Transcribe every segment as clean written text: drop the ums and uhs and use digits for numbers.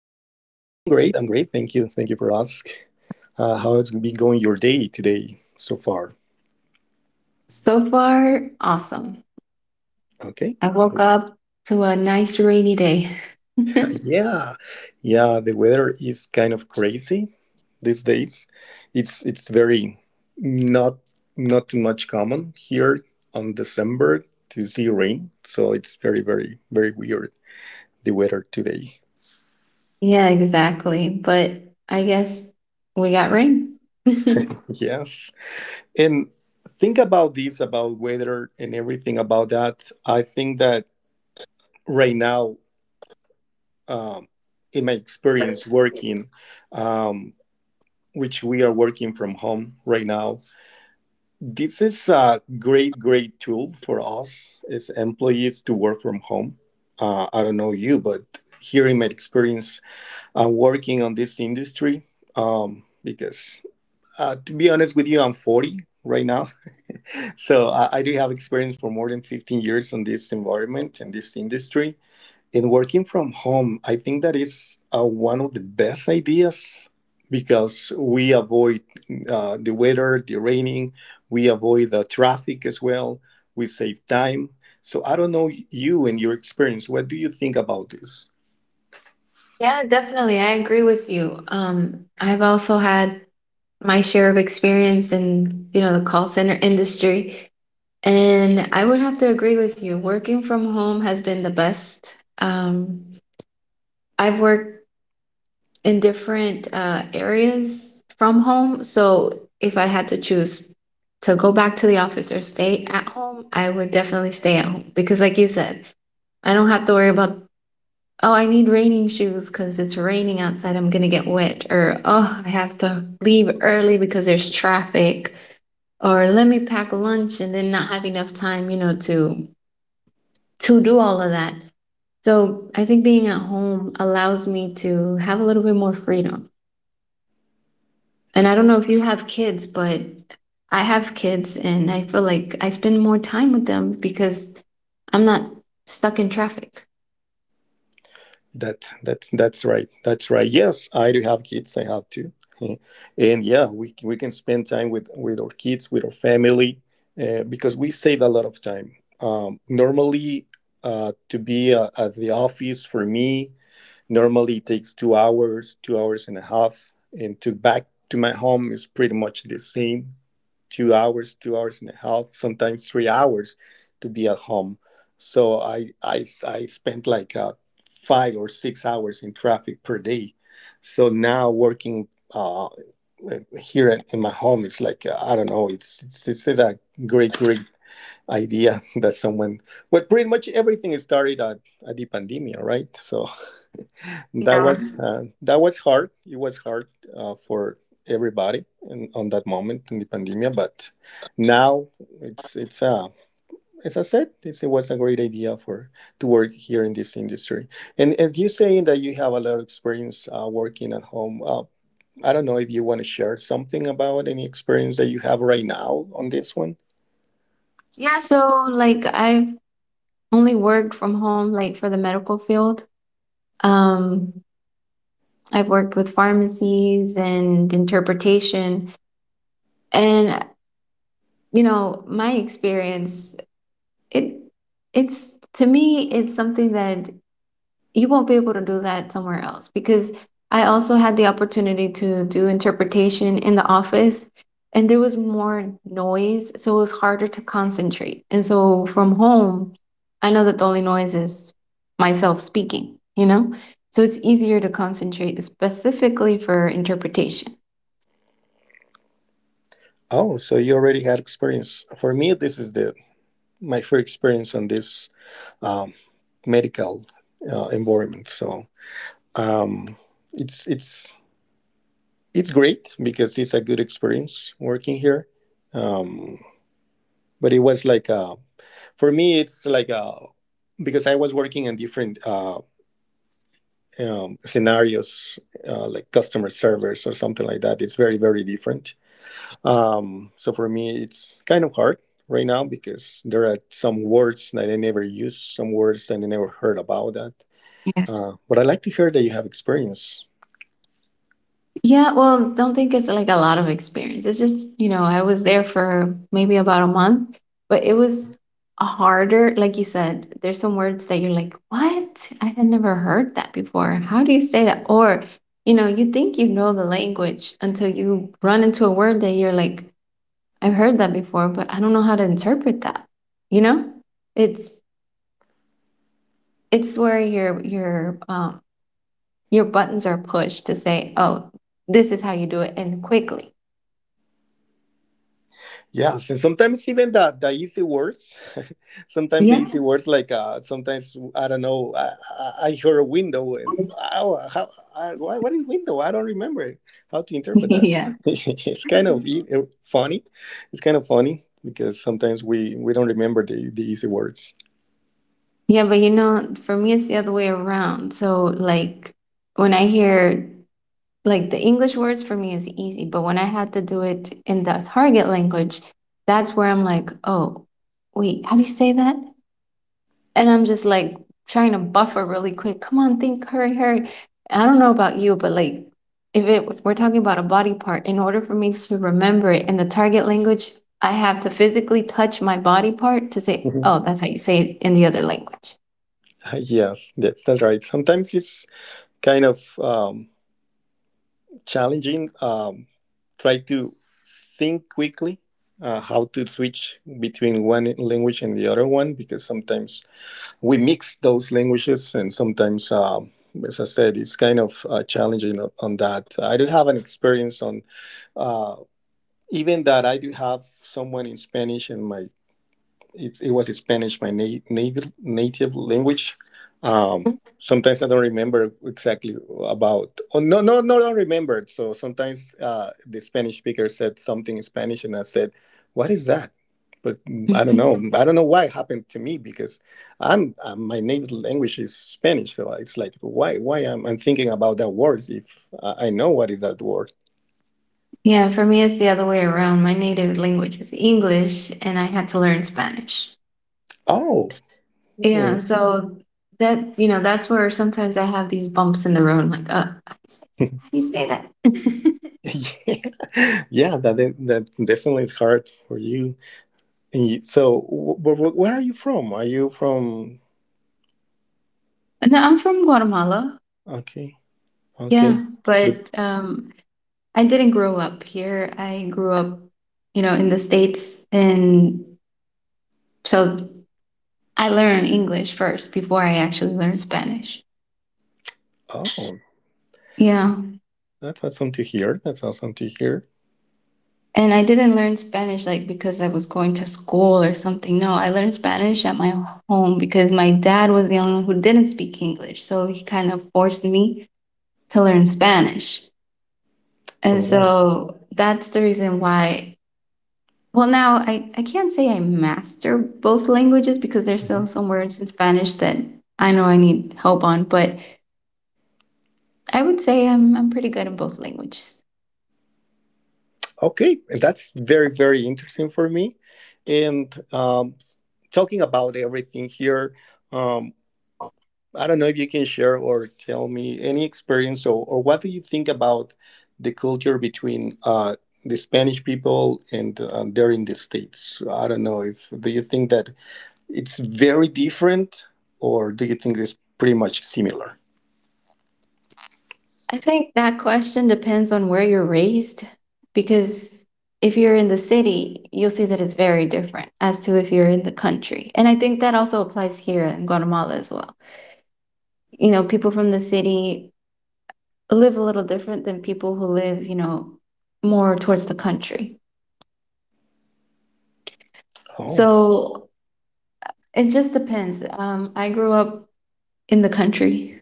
I'm great. Thank you. Thank you for ask. How has been going your day today so far? So far, awesome. Okay. I woke up to a nice rainy day. Yeah, yeah. The weather is kind of crazy these days. It's very not not too much common here on December to see rain. So it's very weird the weather today. Yeah, exactly. But I guess we got rain. Yeah, Yes. And think about this about weather and everything about that. I think that right now, um, in my experience working, um, which we are working from home right now, this is a great tool for us as employees to work from home. I don't know you, but here in my experience, I'm working on this industry, because to be honest with you, I'm 40 right now. So I do have experience for more than 15 years on this environment and this industry. And working from home, I think that is one of the best ideas because we avoid the weather, the raining, we avoid the traffic as well. We save time. So I don't know you and your experience. What do you think about this? definitely. I agree with you. I've also had my share of experience in the call center industry, and I would have to agree with you. Working from home has been the best. I've worked in different areas from home. So if I had to choose to go back to the office or stay at home, I would definitely stay at home because, like you said, I don't have to worry about, oh, I need raining shoes because it's raining outside, I'm going to get wet, or oh, I have to leave early because there's traffic, or let me pack lunch and then not have enough time to do all of that. So I think being at home allows me to have a little bit more freedom. And I don't know if you have kids, but I have kids and I feel like I spend more time with them because I'm not stuck in traffic. That's right. That's right. Yes, I do have kids. I have two, and yeah, we can spend time with our kids, with our family, because we save a lot of time. Normally, to be at the office for me normally it takes 2 hours, 2 hours and a half, and to back to my home is pretty much the same. 2 hours, 2 hours and a half, sometimes 3 hours to be at home. So I spent like 5 or 6 hours in traffic per day. So now working here in my home is like I don't know. It's a great idea that someone, well, pretty much everything started at the pandemic, right? So that was hard. It was hard for everybody in, on that moment in the pandemic, but now it's as I said, it was a great idea for to work here in this industry. And you saying that you have a lot of experience working at home, I don't know if you want to share something about any experience that you have right now on this one. Yeah, so like I've only worked from home like for the medical field. Um I've worked with pharmacies and interpretation and my experience it it's to me it's something that you won't be able to do that somewhere else because I also had the opportunity to do interpretation in the office and there was more noise, so it was harder to concentrate. And so from home, I know that the only noise is myself speaking, you know? So it's easier to concentrate, specifically for interpretation. Oh, so you already had experience. For me, this is the my first experience in this um, medical environment. So um, it's it's it's great because it's a good experience working here. Um, but it was like for me, it's like because I was working in different scenarios, like customer service or something like that. It's very different. So for me, it's kind of hard right now because there are some words that I never use, some words that I never heard about that. But I like to hear that you have experience. Yeah, well, don't think it's like a lot of experience. It's just, you know, I was there for maybe about a month, but it was a harder, like you said, there's some words that you're like, what? I had never heard that before. How do you say that? Or, you know, you think you know the language until you run into a word that you're like, I've heard that before, but I don't know how to interpret that. You know? It's it's where your buttons are pushed to say, oh, this is how you do it and quickly. Yes, and sometimes even the easy words, sometimes the Yeah. easy words like sometimes I don't know I hear a window and oh, how why, what is window? I don't remember how to interpret that. Yeah. It's kind of funny. It's kind of funny because sometimes we don't remember the easy words. Yeah, but you know, for me, it's the other way around. So, like, when I hear, like, the English words for me is easy, but when I had to do it in the target language, that's where I'm like, oh, wait, how do you say that? And I'm just like trying to buffer really quick. Come on, think, hurry, hurry. I don't know about you, but like if it was we're talking about a body part, in order for me to remember it in the target language, I have to physically touch my body part to say, oh, that's how you say it in the other language. Yes, that's right. Sometimes it's kind of challenging. Try to think quickly how to switch between one language and the other one because sometimes we mix those languages and sometimes, as I said, it's kind of challenging on that. I do have an experience on uh, even that I do have someone in Spanish in my it, it was Spanish, my native native language. Um, sometimes I don't remember exactly about. Oh, no, I don't remember. So sometimes the Spanish speaker said something in Spanish, and I said, "What is that?" But mm, I don't know. I don't know why it happened to me because I'm my native language is Spanish, so it's like why am I thinking about that word if I know what is that word? Yeah, for me, it's the other way around. My native language is English, and I had to learn Spanish. Oh, Yeah, well. so that's where sometimes I have these bumps in the road. I'm like, how do you say how do you say that? yeah, yeah, that that definitely is hard for you. And you, so, where are you from? Are you from? No, I'm from Guatemala. Okay, okay. Yeah, But, but I didn't grow up here. I grew up, you know, in the states, and so I learned English first before I actually learned Spanish. oh, Yeah. that's awesome to hear. And I didn't learn Spanish like because I was going to school or something. No, I learned Spanish at my home because my dad was the only one who didn't speak English. So he kind of forced me to learn Spanish. And Oh, so that's the reason why. Well, now I can't say I master both languages because there's mhm. still some words in Spanish that I know I need help on, but I would say I'm pretty good in both languages. Okay. And that's very interesting for me. And talking about everything here. um, I don't know if you can share or tell me any experience or what do you think about the culture between the Spanish people and there in the States? I don't know if do you think that it's very different or do you think it's pretty much similar? I think that question depends on where you're raised because if you're in the city, you'll see that it's very different as to if you're in the country. And I think that also applies here in Guatemala as well. You know, people from the city live a little different than people who live, you know, more towards the country. Oh, So it just depends. I grew up in the country,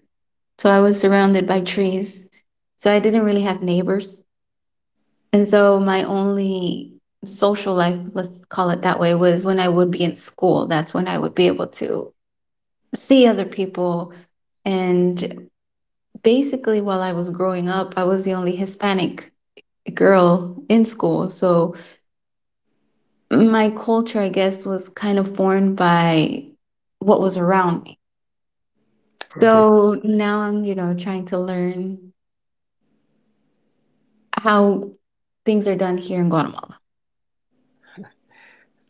so I was surrounded by trees. So I didn't really have neighbors. And so my only social life, let's call it that way, was when I would be in school. That's when I would be able to see other people. And basically, while I was growing up, I was the only Hispanic girl in school. So my culture, I guess, was kind of formed by what was around me. okay, So now I'm, you know, trying to learn how things are done here in Guatemala.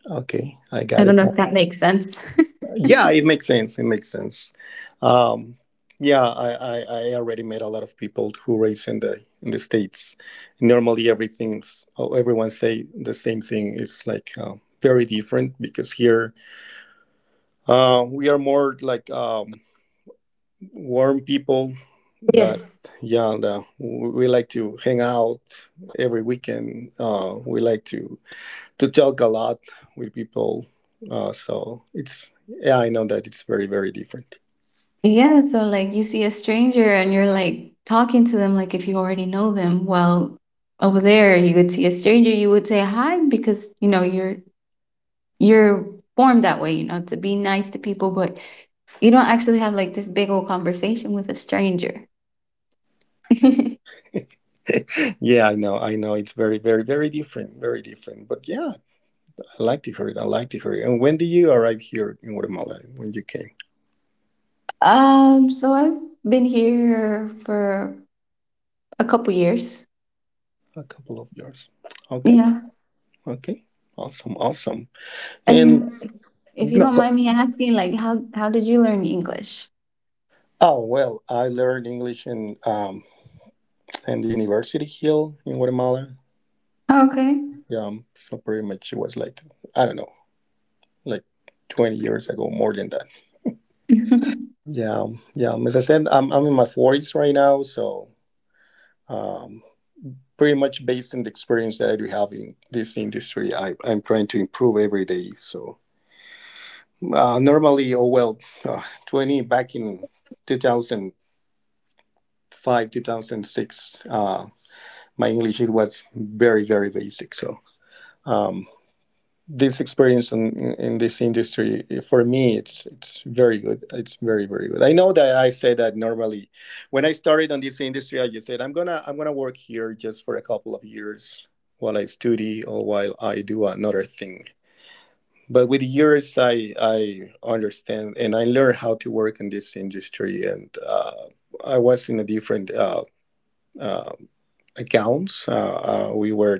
okay, I I got don't it. know if that makes sense. Yeah, it makes sense. Um, yeah, I already met a lot of people who race in the states. Normally, everything's oh, everyone say the same thing. It's like very different because here we are more like warm people. That Yes. yeah, we like to hang out every weekend. We like to talk a lot with people. So it's yeah, I know that it's very different. Yeah, so like you see a stranger and you're like talking to them like if you already know them. Well, over there you would see a stranger, you would say hi because you know you're formed that way, you know, to be nice to people, but you don't actually have like this big old conversation with a stranger. Yeah, I know. It's very different, very different. But yeah, I like to hear it. And when did you arrive here in Guatemala? When you came? So I've been here for a couple years. A couple of years. Okay, Yeah. okay, awesome, awesome. And And if you no, don't but, mind me asking, like how did you learn English? oh well, I learned English in the university here in Guatemala. Okay. Yeah, so pretty much it was like I don't know, like 20 years ago, more than that. Yeah. As I said, I'm in my forties right now, so. um. Pretty much based on the experience that I do have in this industry, I'm trying to improve every day. So normally, oh well, uh, 20 back in 2005, 2006, my English it was very basic. So um, this experience in this industry for me it's very good it's very good. I know that I said that normally when I started on this industry, I just said I'm gonna work here just for a couple of years while I study or while I do another thing. But with years, I understand and I learned how to work in this industry and I was in a different uh, accounts. Uh, uh, we were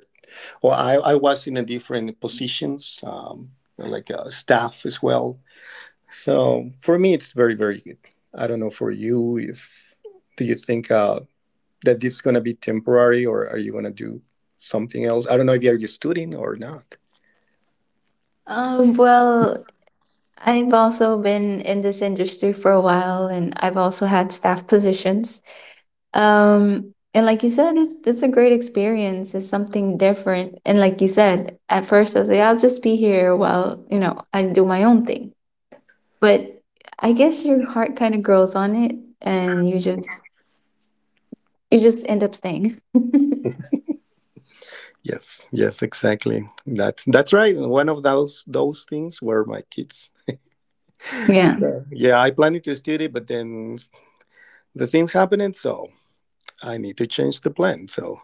well, I was in a different positions, like staff as well. So for me, it's very good. I don't know for you if do you think that this is gonna be temporary or are you gonna do something else? I don't know if you're a student or not. Well, I've also been in this industry for a while and I've also had staff positions. And like you said, it's a great experience. It's something different. And like you said, at first I was like, I'll just be here while I do my own thing. But I guess your heart kind of grows on it and you just end up staying. Yes, yes, exactly. That's right. One of those things were my kids. Yeah. So yeah, I planned to study, but then the things happened, so I need to change the plan. So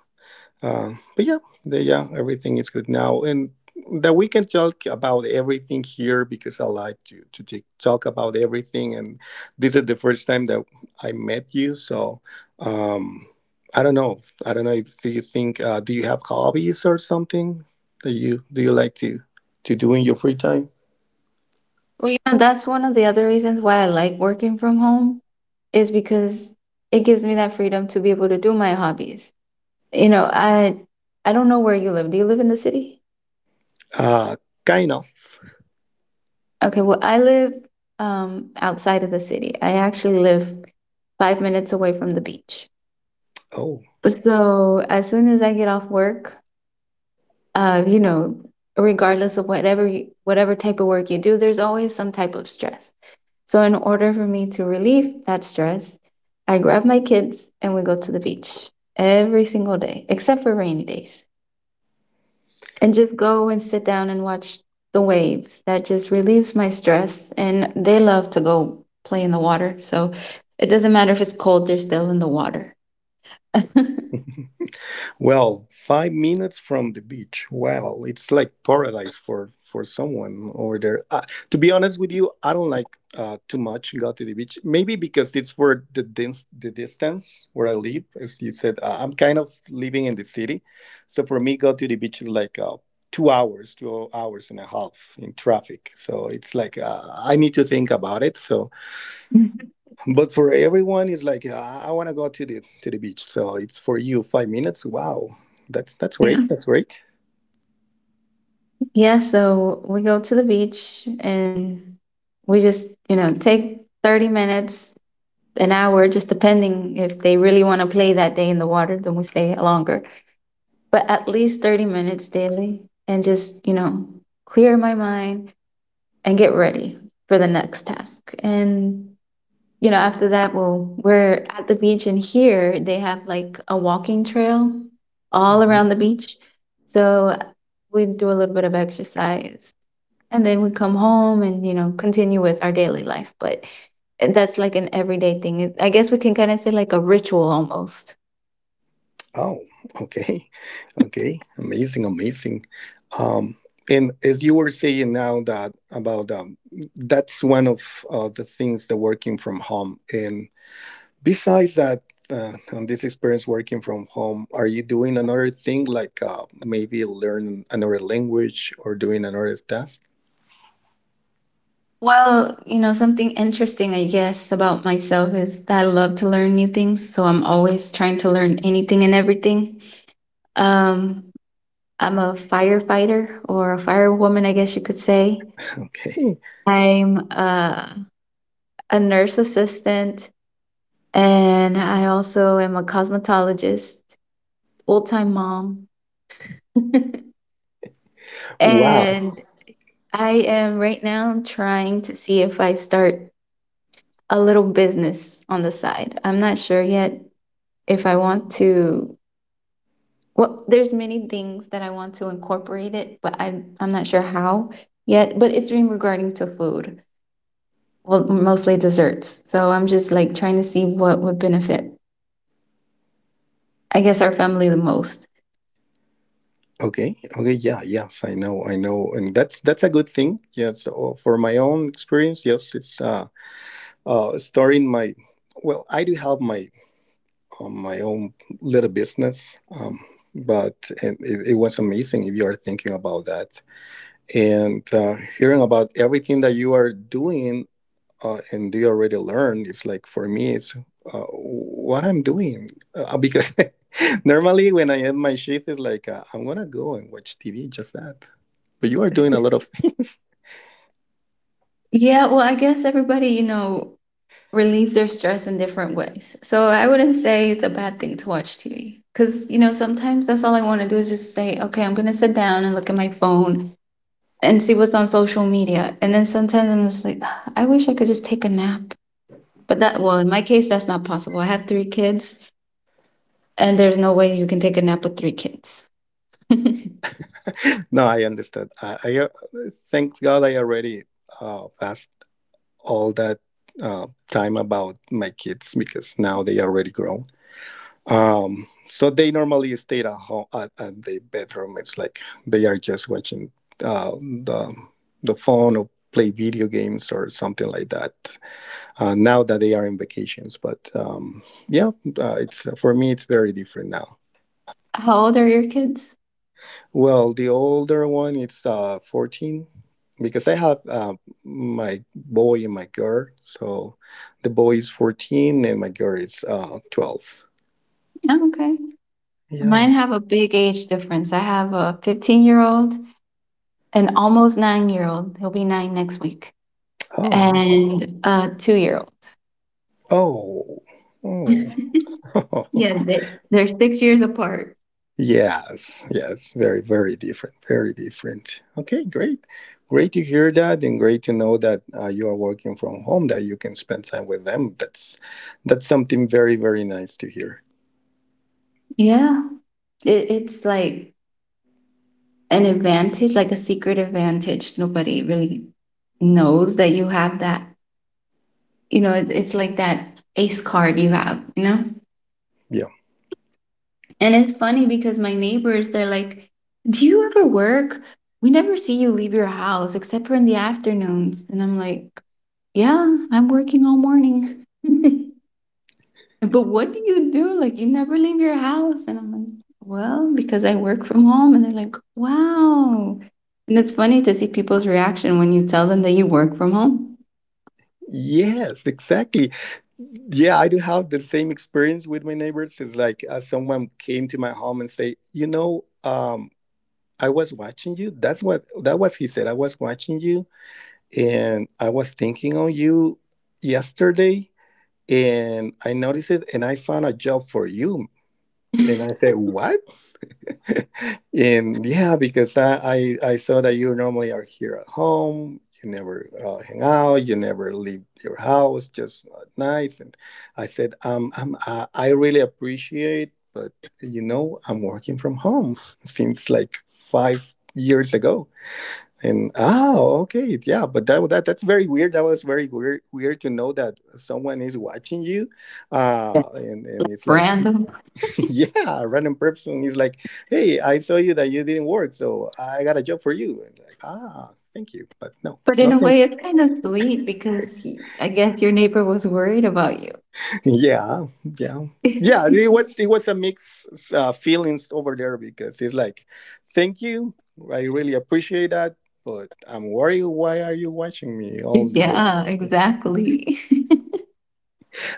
But yeah, yeah, everything is good now, and that we can talk about everything here because I like to talk about everything. And this is the first time that I met you, so um, I don't know if do you think do you have hobbies or something that you do you like to do in your free time? Well, you know, that's one of the other reasons why I like working from home is because it gives me that freedom to be able to do my hobbies. You know, I don't know where you live. Do you live in the city? Uh, kind of. Okay, well, I live outside of the city. I actually live 5 minutes away from the beach. Oh. So, as soon as I get off work, uh, you know, regardless of whatever type of work you do, there's always some type of stress. So, in order for me to relieve that stress, I grab my kids and we go to the beach every single day, except for rainy days. And just go and sit down and watch the waves. That just relieves my stress. And they love to go play in the water. So it doesn't matter if it's cold, they're still in the water. Well, 5 minutes from the beach. Wow, it's like paradise for someone over there. To be honest with you, I don't like too much go to the beach. Maybe because it's for the the distance where I live. As you said, I'm kind of living in the city, so for me, go to the beach is like 2 hours, 2 hours and a half in traffic. So it's like I need to think about it. So but for everyone, it's like "Yeah, I want to go to the beach. So it's for you 5 minutes. Wow, that's Yeah. great. That's great. Yeah. So we go to the beach and we just take 30 minutes, an hour, just depending if they really want to play that day in the water, then we stay longer. But at least 30 minutes daily and just clear my mind, and get ready for the next task. And you know, after that, we're at the beach, and here they have like a walking trail all around Mhm. the beach. So we do a little bit of exercise, and then we come home and continue with our daily life. But that's like an everyday thing. I guess we can kind of say like a ritual almost. Oh, okay, okay, amazing, amazing. Um, and as you were saying now that about that's one of the things that working from home. And besides that, on this experience working from home, are you doing another thing like maybe learn another language or doing another task? Well, you know, something interesting, I guess, about myself is that I love to learn new things. So I'm always trying to learn anything and everything. Um, I'm a firefighter or a firewoman, I guess you could say. Okay, I'm a nurse assistant, and I also am a cosmetologist, full time mom. wow. And I am right now trying to see if I start a little business on the side. I'm not sure yet if I want to. Well, there's many things that I want to incorporate it, but I'm not sure how yet. But it's regarding to food. Well, mostly desserts. So I'm just like trying to see what would benefit, I guess, our family the most. Okay. Okay. Yeah. Yes. I know. And that's a good thing. Yes. For my own experience, yes, it's starting my. Well, I do have my my own little business, but and it was amazing if you are thinking about that and hearing about everything that you are doing and they already learned. It's like for me, it's what I'm doing because normally when I end my shift, it's like I'm gonna go and watch TV, just that. But you are doing a lot of things. Yeah, well, I guess everybody relieves their stress in different ways. So I wouldn't say it's a bad thing to watch TV because, you know, sometimes that's all I want to do is just say, okay, I'm going to sit down and look at my phone and see what's on social media. And then sometimes I'm just like, "Ah, I wish I could just take a nap." But that, well, in my case, that's not possible. I have three kids and there's no way you can take a nap with three kids. No, I understand. I thanks God I already passed all that time about my kids because now they already grown. So they normally stayed at home at the bedroom. It's like they are just watching uh, the the phone or play video games or something like that. Now that they are in vacations, but yeah, it's for me it's very different now. How old are your kids? Well, the older one it's 14 because I have my boy and my girl. So the boy is 14 and my girl is 12. Oh, okay. Yeah. Mine have a big age difference. I have a 15-year year old, an almost 9-year old. He'll be 9 next week, Oh. and a 2-year old. Oh. Oh. Oh, Yeah, they're 6 years apart. yes, yes, very, very different, very different. Okay, great, great to hear that, and great to know that you are working from home, that you can spend time with them. That's something very, very nice to hear. Yeah, it's like an advantage, like a secret advantage. Nobody really knows that you have that. You know, it's like that ace card you have, you know? Yeah. And it's funny because my neighbors, they're like, "Do you ever work? We never see you leave your house except for in the afternoons." And I'm like, "Yeah, I'm working all morning." But what do you do? Like, you never leave your house. And I'm like, "Well, because I work from home." And they're like, "Wow." And it's funny to see people's reaction when you tell them that you work from home. Yes, exactly. Yeah, I do have the same experience with my neighbors. It's like someone came to my home and say, you know, I was watching you. That's what that was. He said, I was watching you, and I was thinking on you yesterday and I noticed it and I found a job for you. And I said, "What?" And yeah, because I saw that you normally are here at home. You never hang out. You never leave your house, just at nights. And I said, I really appreciate, but you know, I'm working from home since like 5 years ago. And oh, okay, yeah, but that's very weird. That was very weird to know that someone is watching you, Yeah. And it's like, Random. yeah, a random person is like, hey, I saw you that you didn't work, so I got a job for you, and like, ah, thank you, but no, But no in a way, thanks. it's kind of sweet because he, I guess your neighbor was worried about you. Yeah, yeah. Yeah, it was a mix feelings over there because it's like, thank you, I really appreciate that, but I'm worried. Why are you watching me all the Yeah, days? exactly.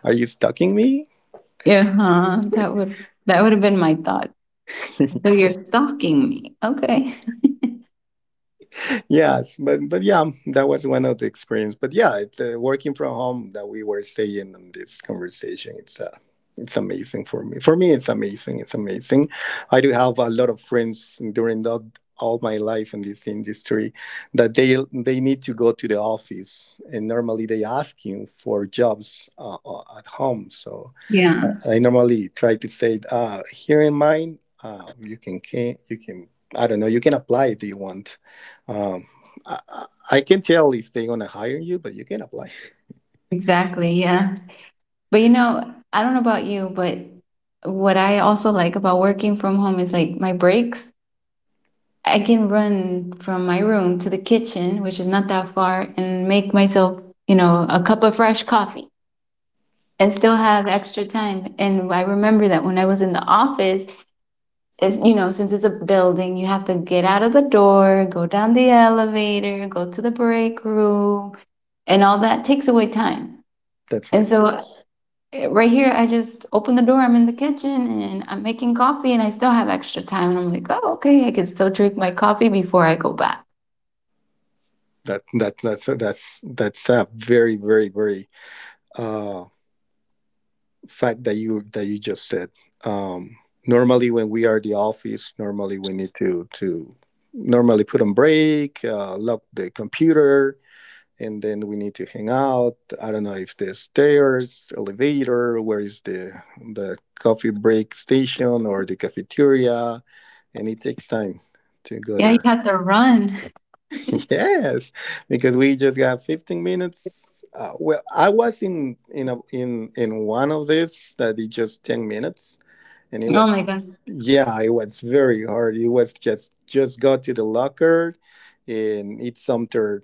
Are you stalking me? Yeah, huh, that would have been my thought. So you're stalking me. Okay. Yes, but yeah, that was one of the experience. But yeah, it, working from home that we were saying in this conversation, it's amazing for me. For me, it's amazing. It's amazing. I do have a lot of friends during the, all my life in this industry that they need to go to the office, and normally they asking for jobs at home. So Yeah, I normally try to say, here in mine, you can, you can. I don't know. You can apply if you want. Um, I, I can tell if they're gonna hire you, but you can apply. exactly. Yeah. But you know, I don't know about you, but what I also like about working from home is like my breaks. I can run from my room to the kitchen, which is not that far, and make myself, you know, a cup of fresh coffee and still have extra time. And I remember that when I was in the office, is you know, since it's a building, you have to get out of the door, go down the elevator, go to the break room, and all that takes away time. That's And right. so right here, I just open the door, I'm in the kitchen and I'm making coffee and I still have extra time. And I'm like, oh, okay, I can still drink my coffee before I go back. That's a very uh fact that you just said. Um, normally when we are the office, normally we need to normally put on break, lock the computer, and then we need to hang out. I don't know if there's stairs, elevator, where is the coffee break station or the cafeteria and it takes time to go Yeah, you there. have to run. Yes, because we just got 15 minutes. Well, I was in a, in in one of this that is just 10 minutes, and it Oh my God. was yeah it was very hard it was just go to the locker and eat some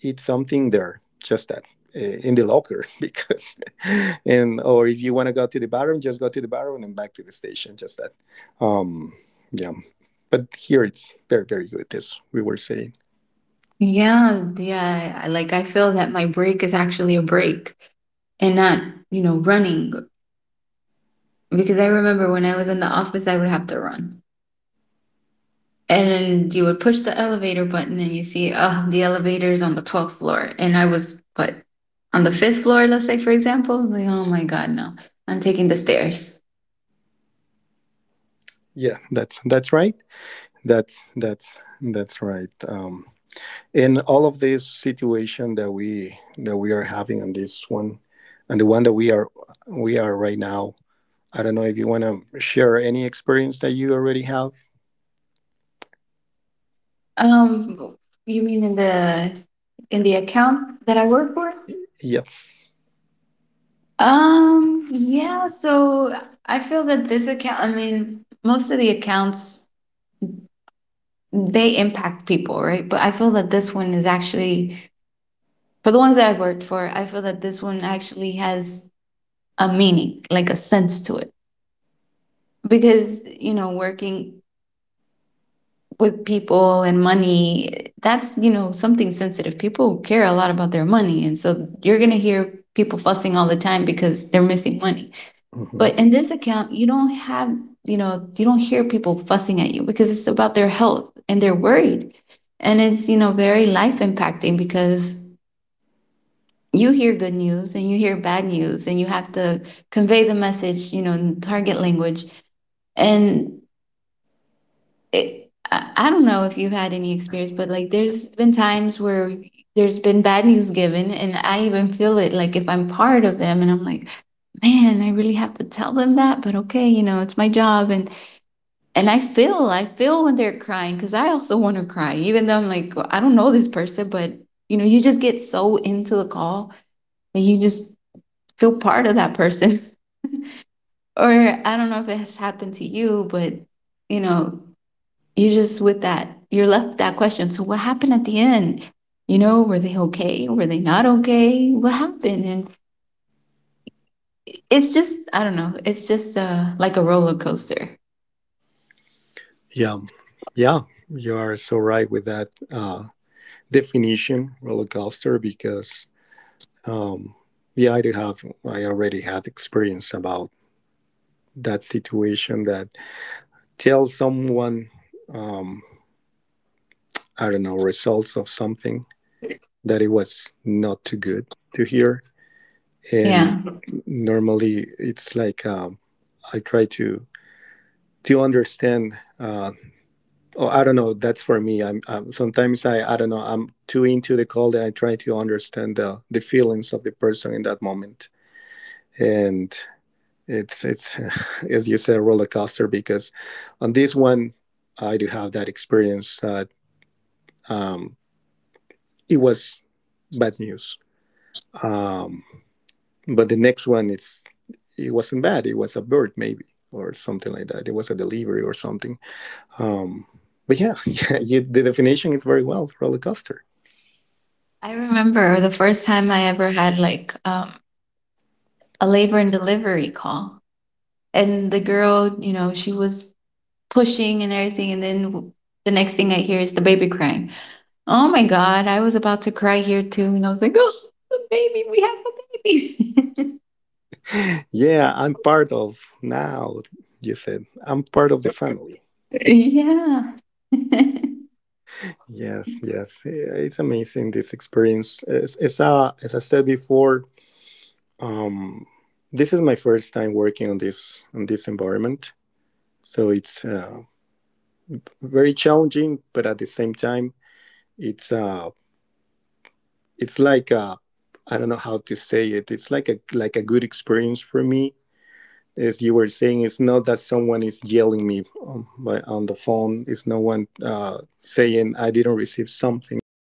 eat something there just that uh, in the locker because and or if you want to go to the bathroom just go to the bathroom and back to the station just that. Um, yeah, but here it's very very good as we were saying. Yeah, yeah. Like I feel that my break is actually a break and not, you know, running. Because I remember when I was in the office, I would have to run. And then you would push the elevator button and you see, oh, the elevator's on the 12th floor. And I was, but on the fifth floor, let's say, for example, like, oh my God, no, I'm taking the stairs. Yeah, that's right, that's that's that's right. Um, in all of this situation that we are having on this one and the one that we are right now, I don't know if you want to share any experience that you already have. Um, you mean in the account that I work for? Yes. Yeah, so I feel that this account, I mean, most of the accounts they impact people, right? But I feel that this one is actually for the ones that I've worked for, I feel that this one actually has a meaning, like a sense to it. Because, you know, working with people and money, that's, you know, something sensitive. People care a lot about their money, and so you're going to hear people fussing all the time because they're missing money. Hmm. But in this account, you don't have, you know, you don't hear people fussing at you because it's about their health and they're worried. And it's, you know, very life impacting because you hear good news and you hear bad news and you have to convey the message, you know, in target language. And it, I don't know if you've had any experience, but like there's been times where there's been bad news given, and I even feel it like if I'm part of them and I'm like, man, I really have to tell them that, but okay, you know, it's my job. And I feel when they're crying because I also want to cry, even though I'm like well, I don't know this person, but you know you just get so into the call that you just feel part of that person. Or I don't know if it has happened to you, but you know you just with that you're left with that question. So what happened at the end? You know, were they okay? Were they not okay? What happened? And it's just I don't know. It's just like a roller coaster. Yeah, yeah, you are so right with that uh, definition roller coaster because um, yeah, I do have, I already had experience about that situation that tells someone um, I don't know, results of something that it was not too good to hear. Yeah. And normally it's like I try to understand. Oh, I don't know. That's for me. I'm sometimes I don't know. I'm too into the call that I try to understand the feelings of the person in that moment. And it's as you said, a roller coaster. Because on this one, I do have that experience that um, it was bad news. Um, but the next one, it wasn't bad. It was a bird maybe or something like that. It was a delivery or something. Um, but yeah, yeah, you, the definition is very well roller coaster. I remember the first time I ever had like a labor and delivery call. And the girl, you know, she was pushing and everything. And then the next thing I hear is the baby crying. Oh my God, I was about to cry here too. And I was like, oh, the baby, we have a Yeah, I'm part of now. You said I'm part of the family. baby. Yeah. Yes, yes. Eh, it's amazing this experience. As I said before, um, this is my first time working on this environment, so it's very challenging, but at the same time, it's um it's like a I don't know how to say it. It's like a good experience for me. As you were saying, it's not that someone is yelling me on, by, on the phone. It's no one saying I didn't receive something.